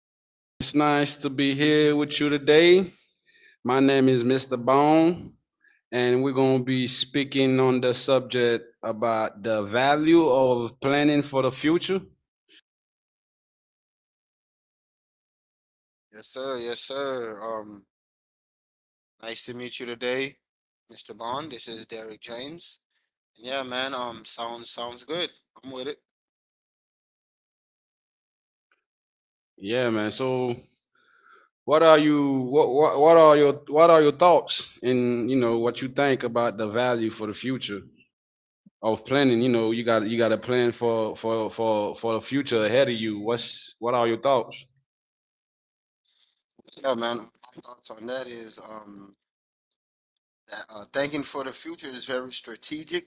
sir. It's nice to be here with you today. My name is Mr. Bone, and we're going to be speaking on the subject about the value of planning for the future. Yes, sir. Yes, sir. Nice to meet you today, Mr. Bond. This is Derek James. And yeah, man. Sounds good. I'm with it. Yeah, man. So, what are you what are your thoughts and what you think about the value for the future of planning? You know, you got a plan for the future ahead of you. What are your thoughts? Yeah, man. My thoughts on that is that thinking for the future is very strategic.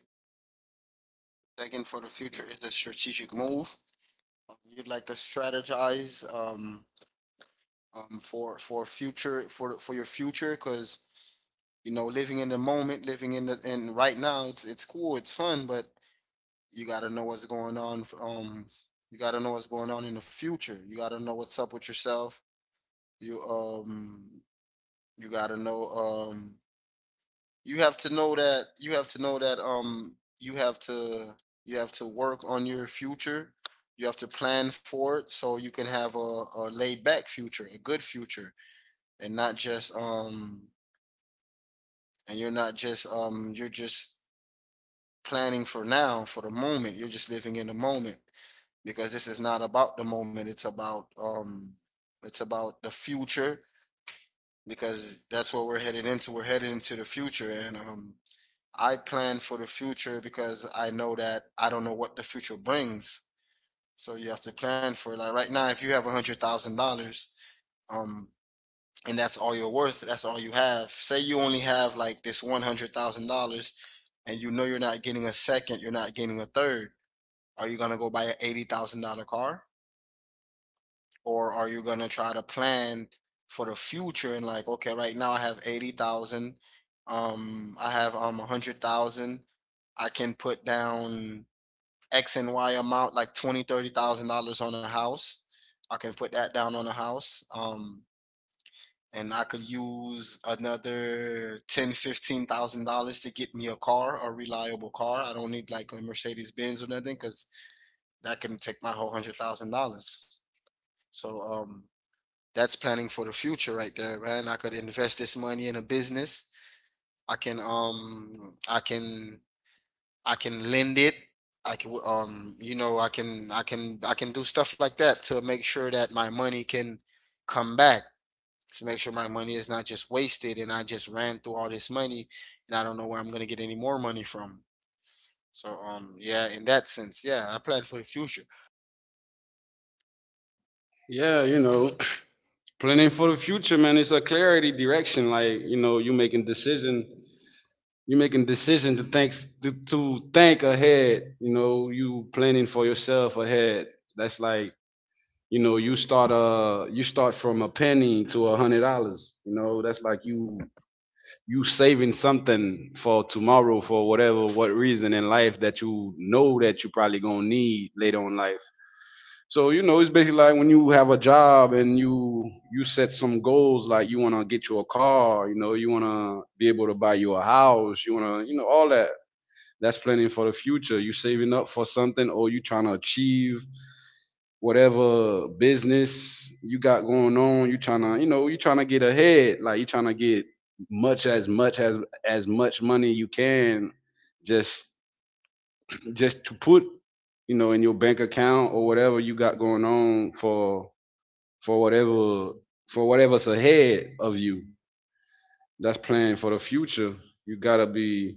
Thinking for the future is a strategic move. You'd like to strategize for your future because you know living in the moment, living in the and right now, it's cool, it's fun, but you got to know what's going on you got to know what's going on in the future. You got to know what's up with yourself. you um you got to know, you have to know that, you have to, you have to work on your future. You have to plan for it so you can have a laid back future, a good future, and not just and you're not just you're just planning for now, for the moment. You're just living in the moment because this is not about the moment. It's about the future because that's what we're headed into. We're headed into the future, and I plan for the future because I know that I don't know what the future brings. So you have to plan for it. Like right now, if you have $100,000, um, and that's all you're worth, that's all you have. Say you only have like this $100,000, and you know you're not getting a second, you're not getting a third. Are you going to go buy an $80,000 car? Or are you going to try to plan for the future and like, okay, right now I have 80,000. I have 100,000. I can put down X and Y amount, like 20, $30,000 on a house. I can put that down on a house. And I could use another ten, $15,000 to get me a car, a reliable car. I don't need like a Mercedes Benz or nothing because that can take my whole $100,000. So that's planning for the future right there, man. I could invest this money in a business. I can I can lend it. I can you know I can I can do stuff like that to make sure that my money can come back, to make sure my money is not just wasted and I just ran through all this money and I don't know where I'm gonna get any more money from. So yeah, in that sense, yeah, I plan for the future. Yeah, you know, planning for the future, man. It's a clarity direction. Like you know, you making decision to think to think ahead. You know, you planning for yourself ahead. That's like you know, you start you start from a penny to $100. You know, that's like you saving something for tomorrow for whatever what reason in life that you know that you probably gonna need later on in life. So you know, it's basically like when you have a job and you set some goals, like you want to get you a car, you know, you want to be able to buy you a house, you want to, you know, all that. That's planning for the future. You saving up for something, or you trying to achieve whatever business you got going on, you trying to, you know, you trying to get ahead, like you trying to get much as much money you can just just to put, you know, in your bank account or whatever you got going on for whatever for whatever's ahead of you. That's planning for the future. You got to be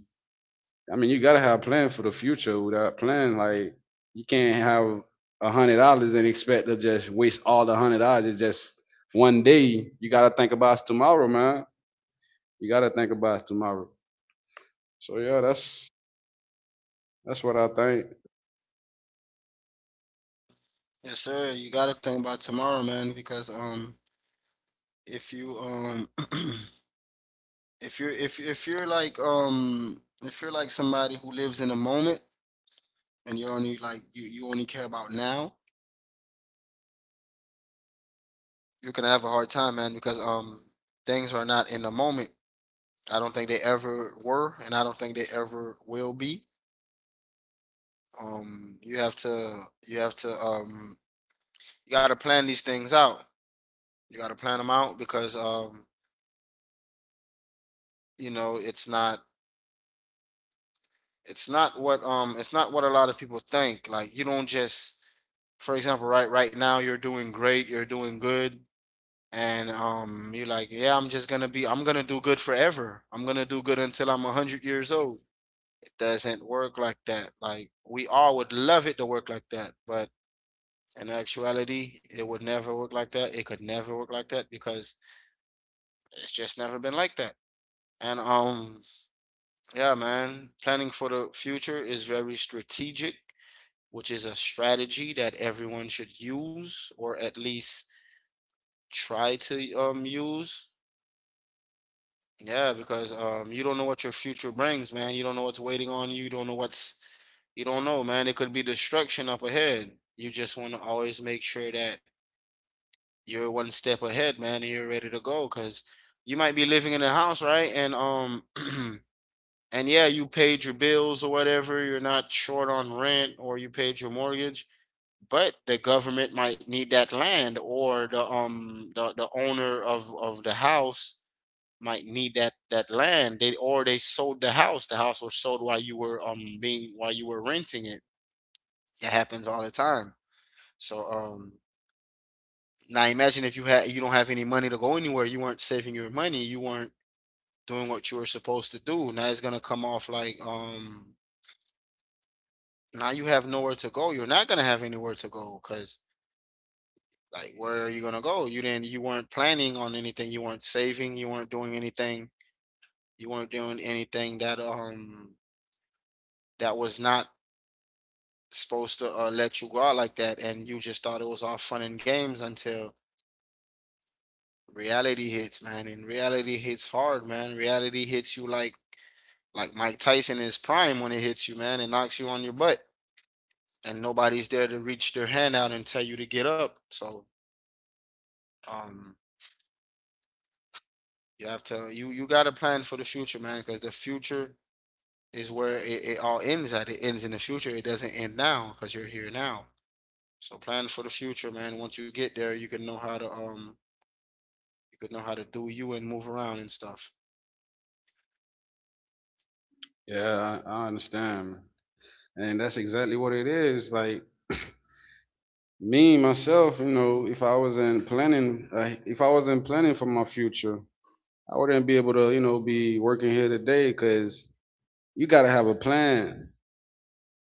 I mean, you gotta have a plan for the future. Without plan, like you can't have $100 and expect to just waste all the $100. It's just one day. You gotta think about tomorrow, man. You gotta think about tomorrow. So yeah, that's what I think. Yes, sir. You gotta think about tomorrow, man, because if you if you're if you're like if you're like somebody who lives in the moment and you only like you only care about now, you're gonna have a hard time, man, because things are not in the moment. I don't think they ever were, and I don't think they ever will be. Um, you have to you have to you got to plan these things out. You got to plan them out because you know it's not, it's not what it's not what a lot of people think. Like you don't just, for example, right now you're doing great, you're doing good, and you're like, yeah, I'm just gonna be, I'm gonna do good forever. I'm gonna do good until I'm 100 years old. It doesn't work like that. Like we all would love it to work like that, but in actuality, it would never work like that. It could never work like that because it's just never been like that. And yeah, man, planning for the future is very strategic, which is a strategy that everyone should use, or at least try to use. Yeah, because you don't know what your future brings, man. You don't know what's waiting on you. You don't know what's you don't know, man. It could be destruction up ahead. You just want to always make sure that you're one step ahead, man, and you're ready to go because you might be living in a house, right? And and yeah, you paid your bills or whatever, you're not short on rent or you paid your mortgage, but the government might need that land, or the the owner of the house might need that land, they or they sold the house. The house was sold while you were being while you were renting it. It happens all the time. So now imagine if you had you don't have any money to go anywhere. You weren't saving your money, you weren't doing what you were supposed to do. Now it's gonna come off like, now you have nowhere to go, you're not gonna have anywhere to go, because like, where are you gonna go? You weren't planning on anything, you weren't saving, you weren't doing anything. You weren't doing anything that that was not supposed to let you go out like that, and you just thought it was all fun and games until reality hits, man. And reality hits hard, man. Reality hits you like Mike Tyson in his prime when it hits you, man, and knocks you on your butt, and nobody's there to reach their hand out and tell you to get up. So, um, you have to, you got to plan for the future, man, because the future is where it all ends at. It ends in the future. It doesn't end now because you're here now. So plan for the future, man. Once you get there, you can know how to you could know how to do you and move around and stuff. Yeah, I understand, and that's exactly what it is. Like me myself, you know, if I wasn't planning for my future, I wouldn't be able to, you know, be working here today because you gotta have a plan.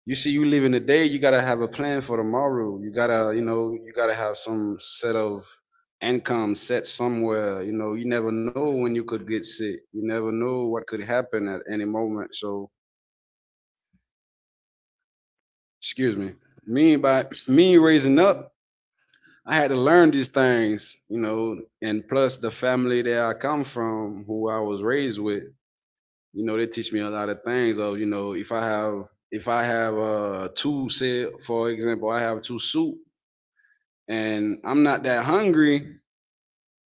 You see, you live in the day. You gotta have a plan for tomorrow. You gotta, you know, you gotta have some set of income set somewhere. You know, you never know when you could get sick. You never know what could happen at any moment. So excuse me. Me by me raising up, I had to learn these things, you know, and plus the family that I come from, who I was raised with, you know, they teach me a lot of things of, you know, if I have if I have two, say for example, I have two suit, and I'm not that hungry,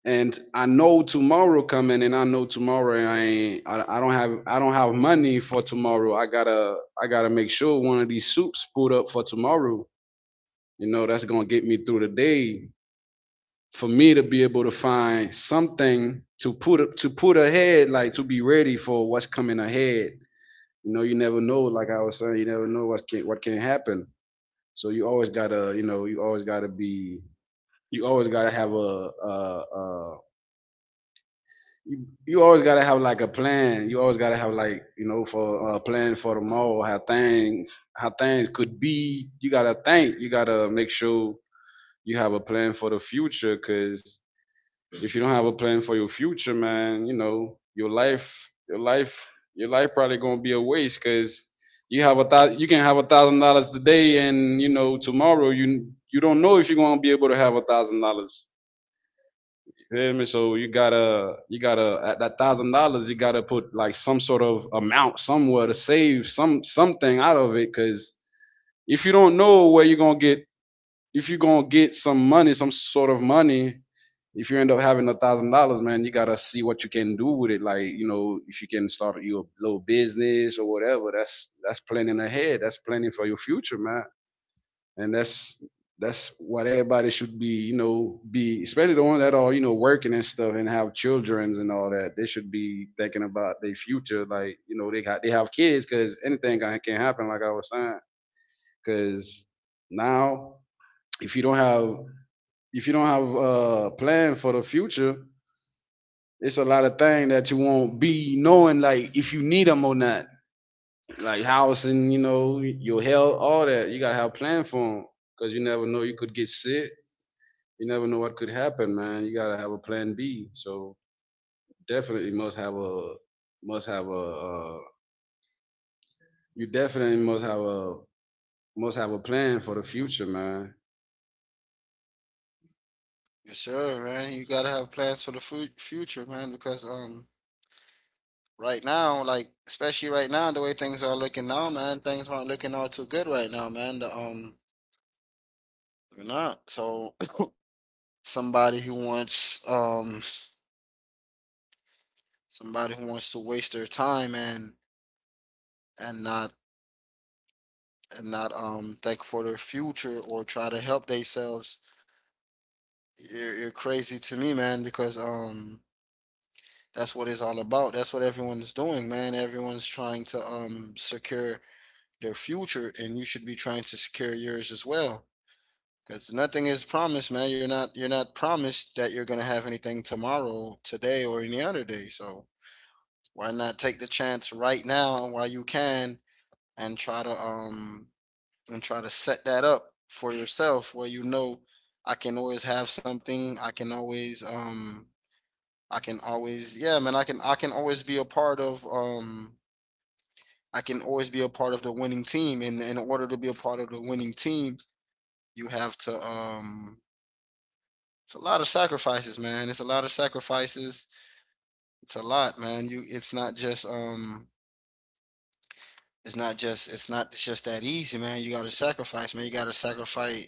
and I know tomorrow coming, and I know tomorrow I don't have money for tomorrow. I gotta make sure one of these soups put up for tomorrow. You know, that's gonna get me through the day. For me to be able to find something to put ahead, like to be ready for what's coming ahead. You know, you never know. Like I was saying, you never know what can happen. So you always gotta, you know, you always gotta be, you always gotta have a you, you always gotta have like a plan. You always gotta have, like, you know, for a plan for tomorrow. How things could be. You gotta think. You gotta make sure you have a plan for the future. Cause if you don't have a plan for your future, man, you know your life probably gonna be a waste. Cause you can have $1,000 today, and you know tomorrow you don't know if you're gonna be able to have $1,000. You hear me? So you gotta at that $1,000, you gotta put like some sort of amount somewhere to save some something out of it, because if you don't know where you're gonna get, if you're gonna get some money, some sort of money, if you end up having $1,000, man, you gotta see what you can do with it. Like you know, if you can start your little business or whatever, that's planning ahead. That's planning for your future, man, and that's what everybody should be, you know, be, especially the ones that are, you know, working and stuff and have childrens and all that. They should be thinking about their future. Like, you know, they have kids, because anything can happen, like I was saying. Because now if you don't have a plan for the future, it's a lot of things that you won't be knowing, like if you need them or not, like housing, you know, your health, all that. You gotta have a plan for them, because you never know, you could get sick. You never know what could happen, man. You gotta have a plan B. So definitely must have a must have a uh, you definitely must have a plan for the future, man. Yes, sir, man. You gotta have plans for the future, man, because right now, like especially right now, the way things are looking now, man, things aren't looking all too good right now, man. They're not. So somebody who wants um somebody who wants to waste their time and, and not and not think for their future or try to help themselves, you're crazy to me, man, because that's what it's all about. That's what everyone's doing, man. Everyone's trying to secure their future, and you should be trying to secure yours as well. Because nothing is promised, man. You're not promised that you're gonna have anything tomorrow, today, or any other day. So why not take the chance right now while you can and try to set that up for yourself where you know I can always have something. I can always, yeah, man, I can always be a part of I can always be a part of the winning team, and in order to be a part of the winning team, you have to it's a lot of sacrifices, man. It's a lot of sacrifices. It's a lot, man. You it's not just it's not just that easy, man. You gotta sacrifice, man.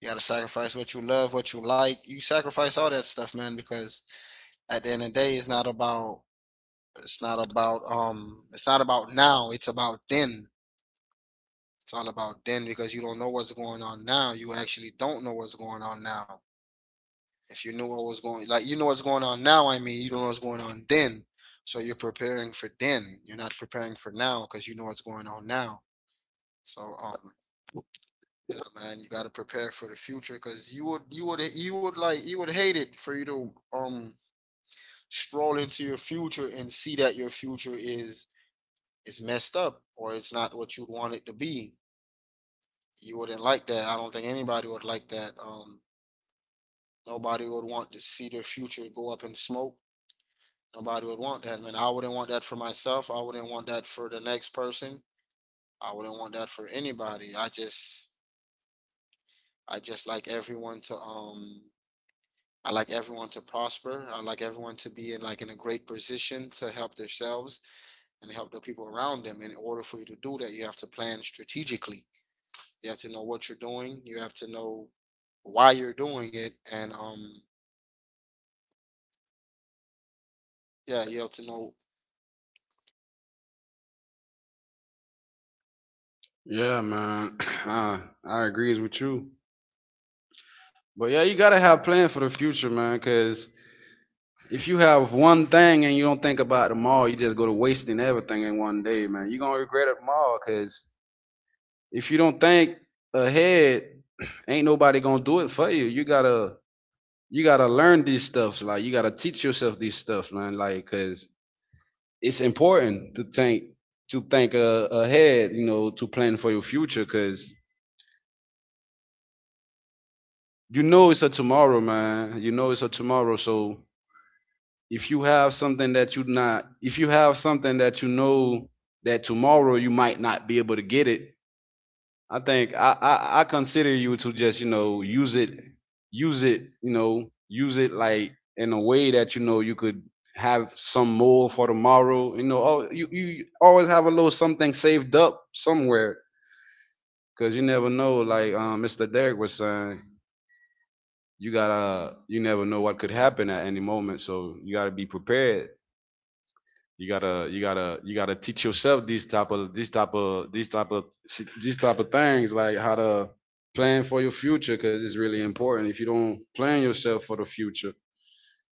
You gotta sacrifice what you love, what you like. You sacrifice all that stuff, man, because at the end of the day, it's not about, it's not about it's not about now, it's about then. It's all about then because you don't know what's going on now. You actually don't know what's going on now. If you knew what was going, like you know what's going on now, I mean you don't know what's going on then. So you're preparing for then. You're not preparing for now because you know what's going on now. So man, you gotta prepare for the future because you would like, you would hate it for you to stroll into your future and see that your future is, it's messed up or it's not what you want it to be. You wouldn't like that. I don't think anybody would like that. Nobody would want to see their future go up in smoke. Nobody would want that, man. I wouldn't want that for myself. I wouldn't want that for the next person. I wouldn't want that for anybody. I just like everyone to, I like everyone to prosper. I like everyone to be in like in a great position to help themselves and help the people around them. In order for you to do that, you have to plan strategically. You have to know what you're doing. You have to know why you're doing it, and yeah, you have to know. Yeah, man. I agrees with you. But yeah, you gotta have plan for the future, man. Cause if you have one thing and you don't think about them all, you just go to wasting everything in one day, man. You're gonna regret it all. Cause if you don't think ahead, ain't nobody gonna do it for you. You gotta learn these stuffs. Like you gotta teach yourself these stuffs, man. Like, cause it's important to think to think ahead. You know, to plan for your future, cause you know it's a tomorrow, man. You know it's a tomorrow. So if you have something that you not, if you have something that you know that tomorrow you might not be able to get it, I think I I consider you to just, you know, use it, you know, use it like in a way that you know you could have some more for tomorrow. You know, you you always have a little something saved up somewhere because you never know. Like Mr. Derek was saying, you gotta you never know what could happen at any moment, so you gotta be prepared. You gotta you gotta you gotta teach yourself these type of these type of these type of these type of things, like how to plan for your future, because it's really important. If you don't plan yourself for the future,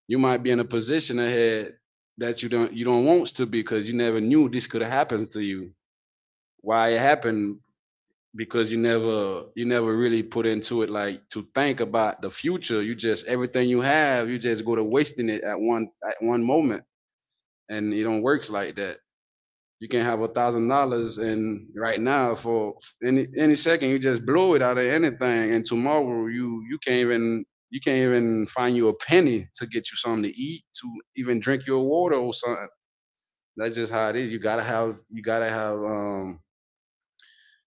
you might be in a position ahead that you don't want to be, because you never knew this could have happened to you. Why it happened? Because you never really put into it, like to think about the future. You just everything you have you just go to wasting it at one moment, and it don't works like that. You can have $1,000, and right now for any second, you just blow it out of anything, and tomorrow you can't even find you a penny to get you something to eat, to even drink your water or something. That's just how it is. You gotta have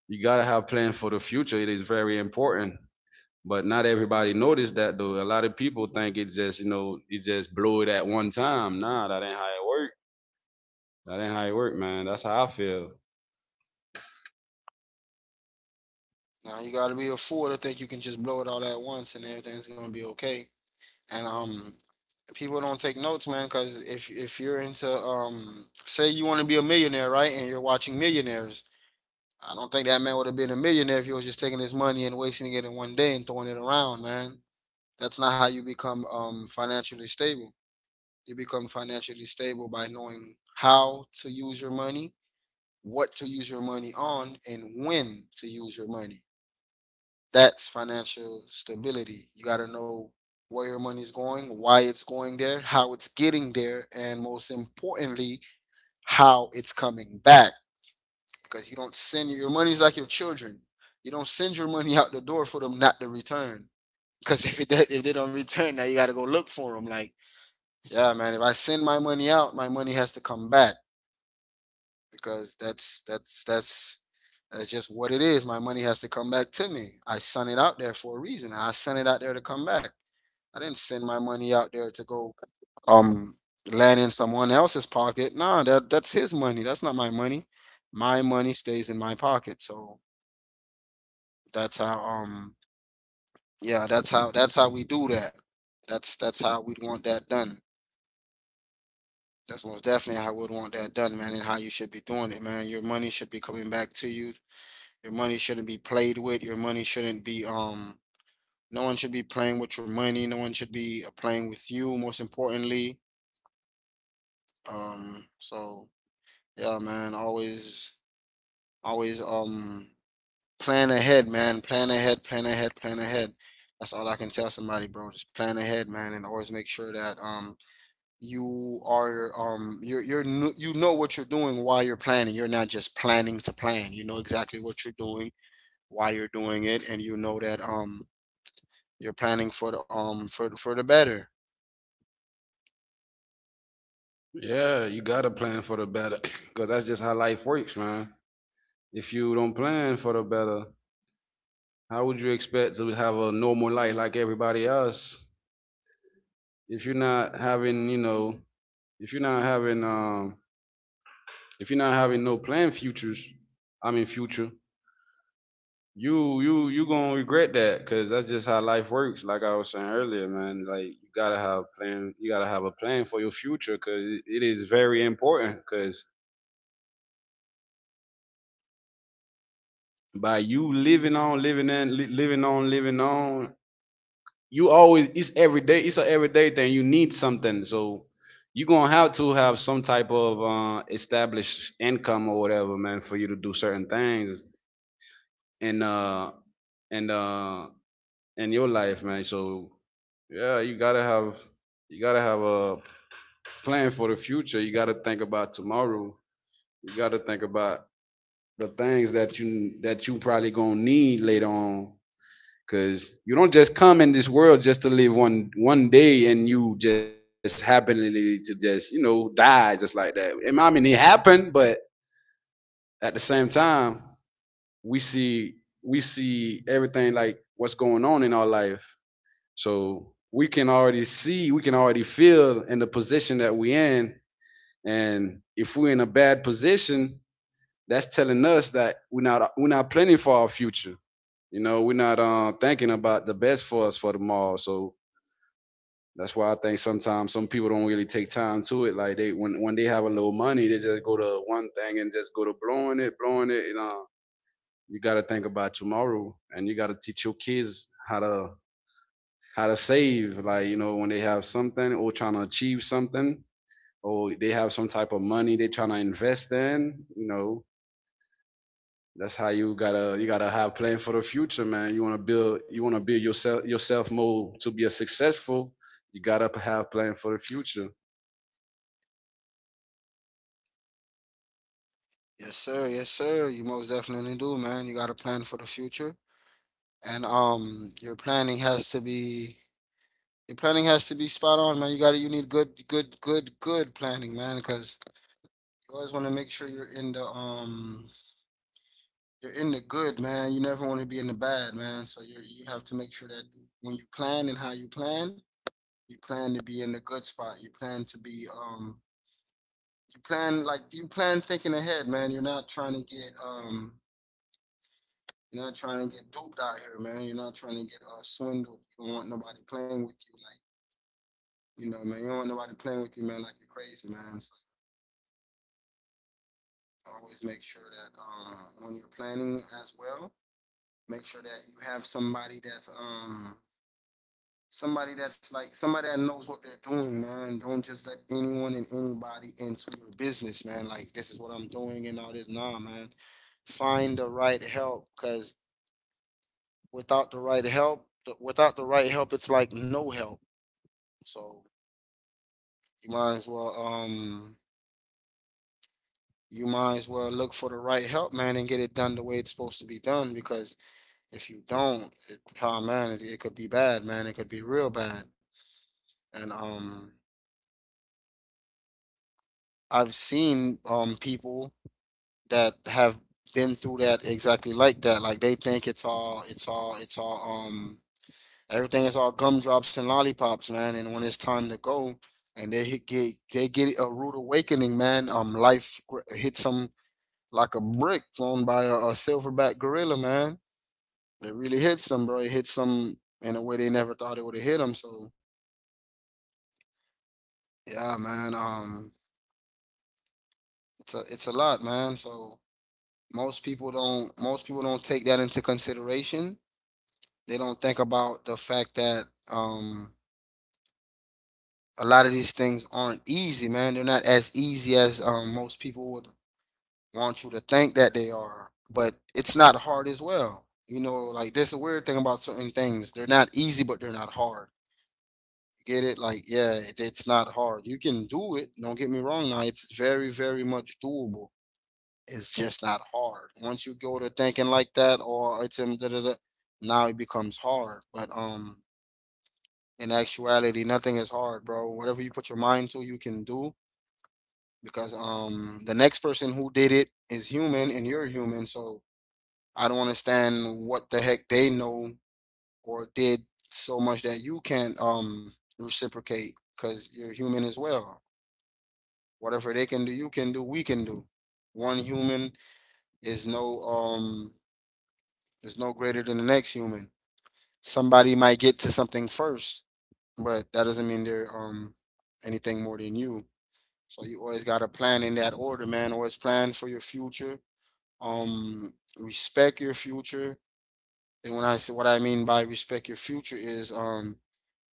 you gotta have plans for the future. It is very important, but not everybody noticed that though. A lot of people think it's just, you know, it's just blow it at one time. Nah, that ain't how it work. That ain't how it work, man. That's how I feel. Now you got to be a fool to think you can just blow it all at once and everything's gonna be okay. And people don't take notes, man, because if you're into say you want to be a millionaire, right, and you're watching millionaires, I don't think that man would have been a millionaire if he was just taking his money and wasting it in one day and throwing it around, man. That's not how you become financially stable. You become financially stable by knowing how to use your money, what to use your money on, and when to use your money. That's financial stability. You got to know where your money is going, why it's going there, how it's getting there, and most importantly, how it's coming back. Because you don't send your money's like your children. You don't send your money out the door for them not to return. Because if they don't return, now you got to go look for them. Like, yeah, man, if I send my money out, my money has to come back. Because that's that's just what it is. My money has to come back to me. I sent it out there for a reason. I sent it out there to come back. I didn't send my money out there to go um land in someone else's pocket. No, that's his money. That's not my money. My money stays in my pocket. So that's how yeah, that's how we do that. That's how we'd want that done. That's most definitely how I would want that done, man, and how you should be doing it, man. Your money should be coming back to you. Your money shouldn't be played with. Your money shouldn't be. No one should be playing with your money. No one should be playing with you, most importantly. So yeah, man, always plan ahead, man. Plan ahead, plan ahead, plan ahead. That's all I can tell somebody, bro. Just plan ahead, man, and always make sure that you are you know what you're doing while you're planning. You're not just planning to plan. You know exactly what you're doing, why you're doing it, and you know that you're planning for for the better. Yeah, you gotta plan for the better, cause that's just how life works, man. If you don't plan for the better, how would you expect to have a normal life like everybody else? If you're not having, you know, if you're not having, um, if you're not having no plan futures, I mean future, you gonna regret that, cause that's just how life works. Like I was saying earlier, man, like you gotta have plan, you gotta have a plan for your future, cause it is very important, cause by you living on, living on, you always it's every day. It's an everyday thing. You need something, so you're gonna have to have some type of established income or whatever, man, for you to do certain things in uh and uh in your life, man. So yeah, you gotta have a plan for the future. You gotta think about tomorrow. You gotta think about the things that you probably gonna need later on. Cause you don't just come in this world just to live one day and you just happenly to just, die just like that. And I mean it happened, but at the same time, we see we see everything like what's going on in our life. So we can already see, we can already feel in the position that we are in. And if we're in a bad position, that's telling us that we're not planning for our future. You know, we're not thinking about the best for us for tomorrow. So that's why I think sometimes some people don't really take time to it. Like they when they have a little money, they just go to one thing and just go to blowing it, blowing it. You got to think about tomorrow, and you got to teach your kids how to save. Like you know, when they have something or trying to achieve something, or they have some type of money they trying to invest in. You know, that's how you gotta have plan for the future, man. You wanna build yourself more to be a successful. You gotta have plan for the future. Yes, sir. Yes, sir. You most definitely do, man. You got to plan for the future, and your planning has to be spot on, man. You got to You need good, good, good, good planning, man, because you always want to make sure you're in the. You're in the good, man. You never want to be in the bad, man. So you have to make sure that when you plan and how you plan to be in the good spot. You plan like you plan thinking ahead, man. You're not trying to get you're not trying to get duped out here, man. You're not trying to get swindled. You don't want nobody playing with you, like, you know, man. You don't want nobody playing with you, man. Like you're crazy, man. So always make sure that when you're planning as well, make sure that you have somebody that's somebody that knows what they're doing, man. Don't just let anyone and anybody into your business, man. Like this is what I'm doing and all this. Nah, man. Find the right help, cause without the right help, without the right help, it's like no help. So you might as well you might as well look for the right help, man, and get it done the way it's supposed to be done. Because if you don't, it, oh man, it could be bad, man. It could be real bad. And I've seen people that have been through that exactly like that. Like they think it's all everything is all gumdrops and lollipops, man. And when it's time to go and they get a rude awakening, man, life hits them like a brick thrown by a silverback gorilla, man. It really hits them, bro. It hits them in a way they never thought it would have hit them. So yeah, man. It's a lot, man. So most people don't take that into consideration. They don't think about the fact that um a lot of these things aren't easy, man. They're not as easy as most people would want you to think that they are. But it's not hard as well. You know, like there's a weird thing about certain things. They're not easy, but they're not hard. Get it? Like, yeah, it, it's not hard. You can do it. Don't get me wrong. Now, it's very, very much doable. It's just not hard. Once you go to thinking like that, or it's da, da, da, now it becomes hard. But in actuality, nothing is hard, bro. Whatever you put your mind to, you can do because the next person who did it is human and you're human, so I don't understand what the heck they know or did so much that you can't reciprocate because you're human as well. Whatever they can do, you can do, we can do. One human is is no greater than the next human. Somebody might get to something first, but that doesn't mean they're anything more than you. So you always got to plan in that order, man. Always plan for your future. Respect your future. And when I say what I mean by respect your future is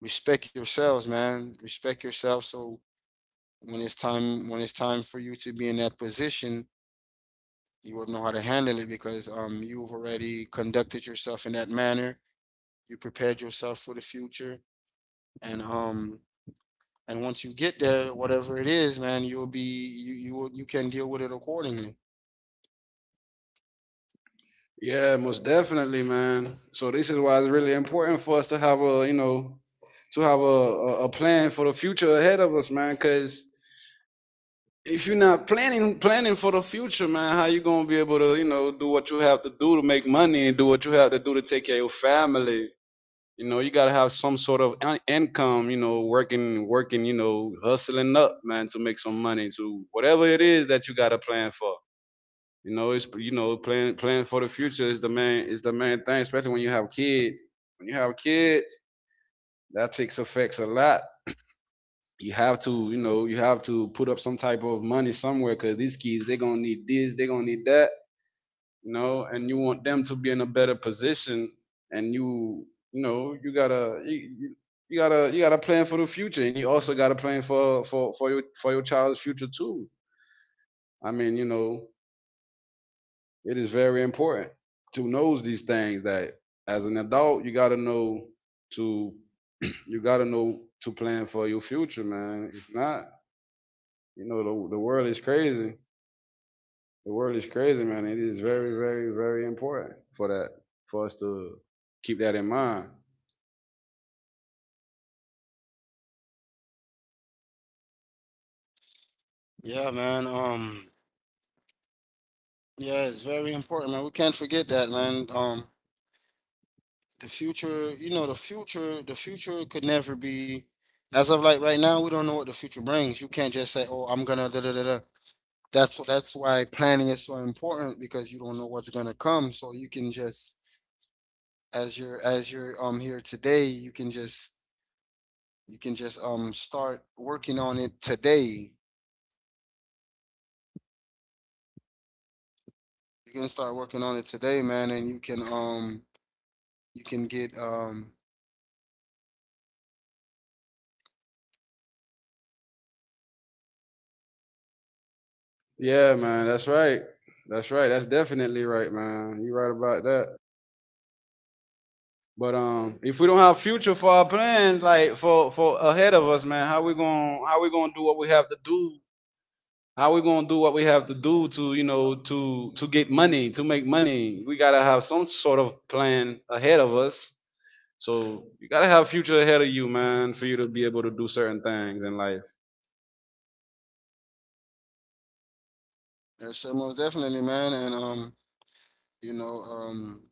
respect yourselves, man. Respect yourself. So when it's time for you to be in that position, you will know how to handle it because you've already conducted yourself in that manner. You prepared yourself for the future, and um, and once you get there, whatever it is, man, you'll be you you will, you can deal with it accordingly. Yeah, most definitely, man. So this is why it's really important for us to have a, you know, to have a, a plan for the future ahead of us, man. Because if you're not planning for the future, man, how you gonna be able to, you know, do what you have to do to make money and do what you have to do to take care of your family? You know, you gotta have some sort of in- income. You know, working, you know, hustling up, man, to make some money to whatever it is that you got to plan for. You know, it's you know, planning for the future is the main thing, especially when you have kids. When you have kids, that takes effects a lot. You have to, you know, you have to put up some type of money somewhere because these kids they're gonna need this, they're gonna need that, you know, and you want them to be in a better position, and you know, you gotta. You gotta you gotta plan for the future, and you also gotta plan for your for your child's future too. I mean, you know, it is very important to know these things that as an adult you gotta know to you gotta know to plan for your future, man. If not, you know the world is crazy. The world is crazy, man. It is very, very, very important for that for us to keep that in mind. Yeah, man. Yeah, it's very important, man. We can't forget that, man. The future, you know, the future could never be. As of like right now, we don't know what the future brings. You can't just say, "Oh, I'm gonna da da da da." That's why planning is so important because you don't know what's gonna come. So you can just, as you're here today, you can just start working on it today. You can start working on it today, man, and you can get um. Yeah, man, that's right. That's right. That's definitely right, man. You're right about that. But if we don't have future for our plans, like for ahead of us, man, how we gonna do what we have to do. How we gonna do what we have to do to you know to get money to make money? We gotta have some sort of plan ahead of us. So you gotta have future ahead of you, man, for you to be able to do certain things in life. Yeah, so most definitely, man, and you know,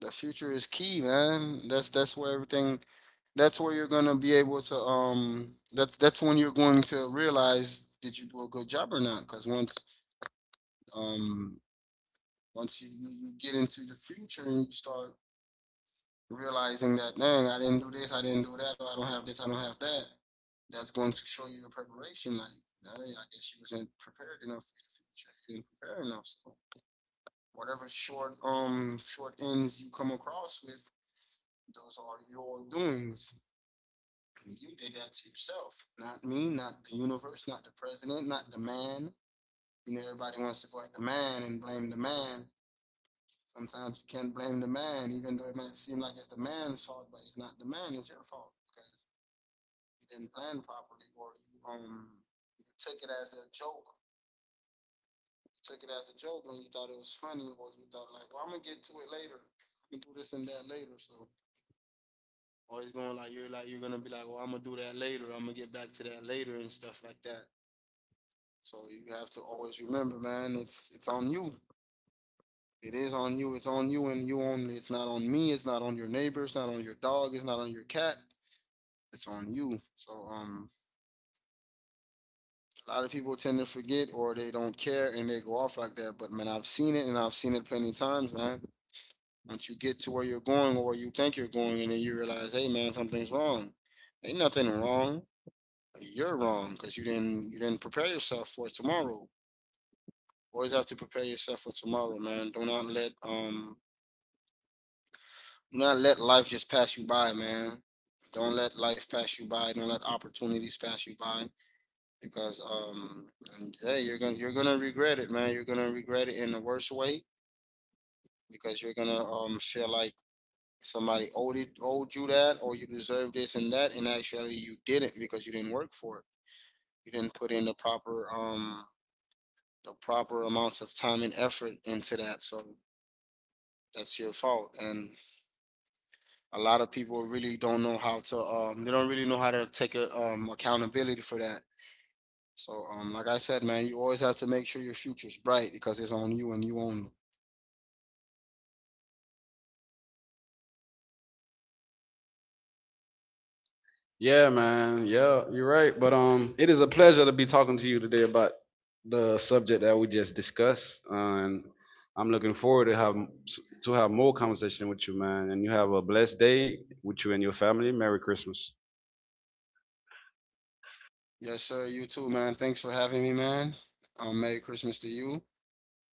the future is key, man. That's where you're gonna be able to that's when you're going to realize did you do a good job or not? Because once um, once you, you get into the future and you start realizing that, dang, I didn't do this, I didn't do that, or I don't have this, I don't have that, that's going to show you your preparation. Like, "Dang, I guess you wasn't prepared enough for the future. You didn't prepare enough. So whatever short ends you come across with, those are your doings. You did that to yourself, not me, not the universe, not the president, not the man. You know, everybody wants to go at the man and blame the man. Sometimes you can't blame the man, even though it might seem like it's the man's fault, but it's not the man, it's your fault because you didn't plan properly or you you took it as a joke. You took it as a joke and you thought it was funny or you thought like, well, I'm gonna get to it later. I'm do this and that later. So always going like you're gonna be like, well, I'm gonna do that later. I'm gonna get back to that later and stuff like that. So you have to always remember, man. It's on you. It is on you. It's on you and you only. It's not on me. It's not on your neighbor. It's not on your dog. It's not on your cat. It's on you. So a lot of people tend to forget or they don't care and they go off like that. But man, I've seen it and I've seen it plenty of times, man. Once you get to where you're going or where you think you're going, and then you realize, hey, man, something's wrong. Ain't nothing wrong. You're wrong because you didn't prepare yourself for tomorrow. Always have to prepare yourself for tomorrow, man. Do not let life just pass you by, man. Don't let life pass you by. Don't let opportunities pass you by because and, hey, you're gonna regret it, man. You're gonna regret it in the worst way because you're gonna feel like somebody owed you that or you deserve this and that and actually you didn't because you didn't work for it. You didn't put in the proper amounts of time and effort into that. So that's your fault. And a lot of people really don't know how to they don't really know how to take a, accountability for that. So like I said, man, you always have to make sure your future's bright because it's on you and you only. Yeah, man. Yeah, you're right. But it is a pleasure to be talking to you today about the subject that we just discussed, and I'm looking forward to have more conversation with you, man. And you have a blessed day with you and your family. Merry Christmas. Yes, sir. You too, man. Thanks for having me, man. Merry Christmas to you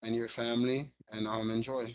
and your family, and enjoy.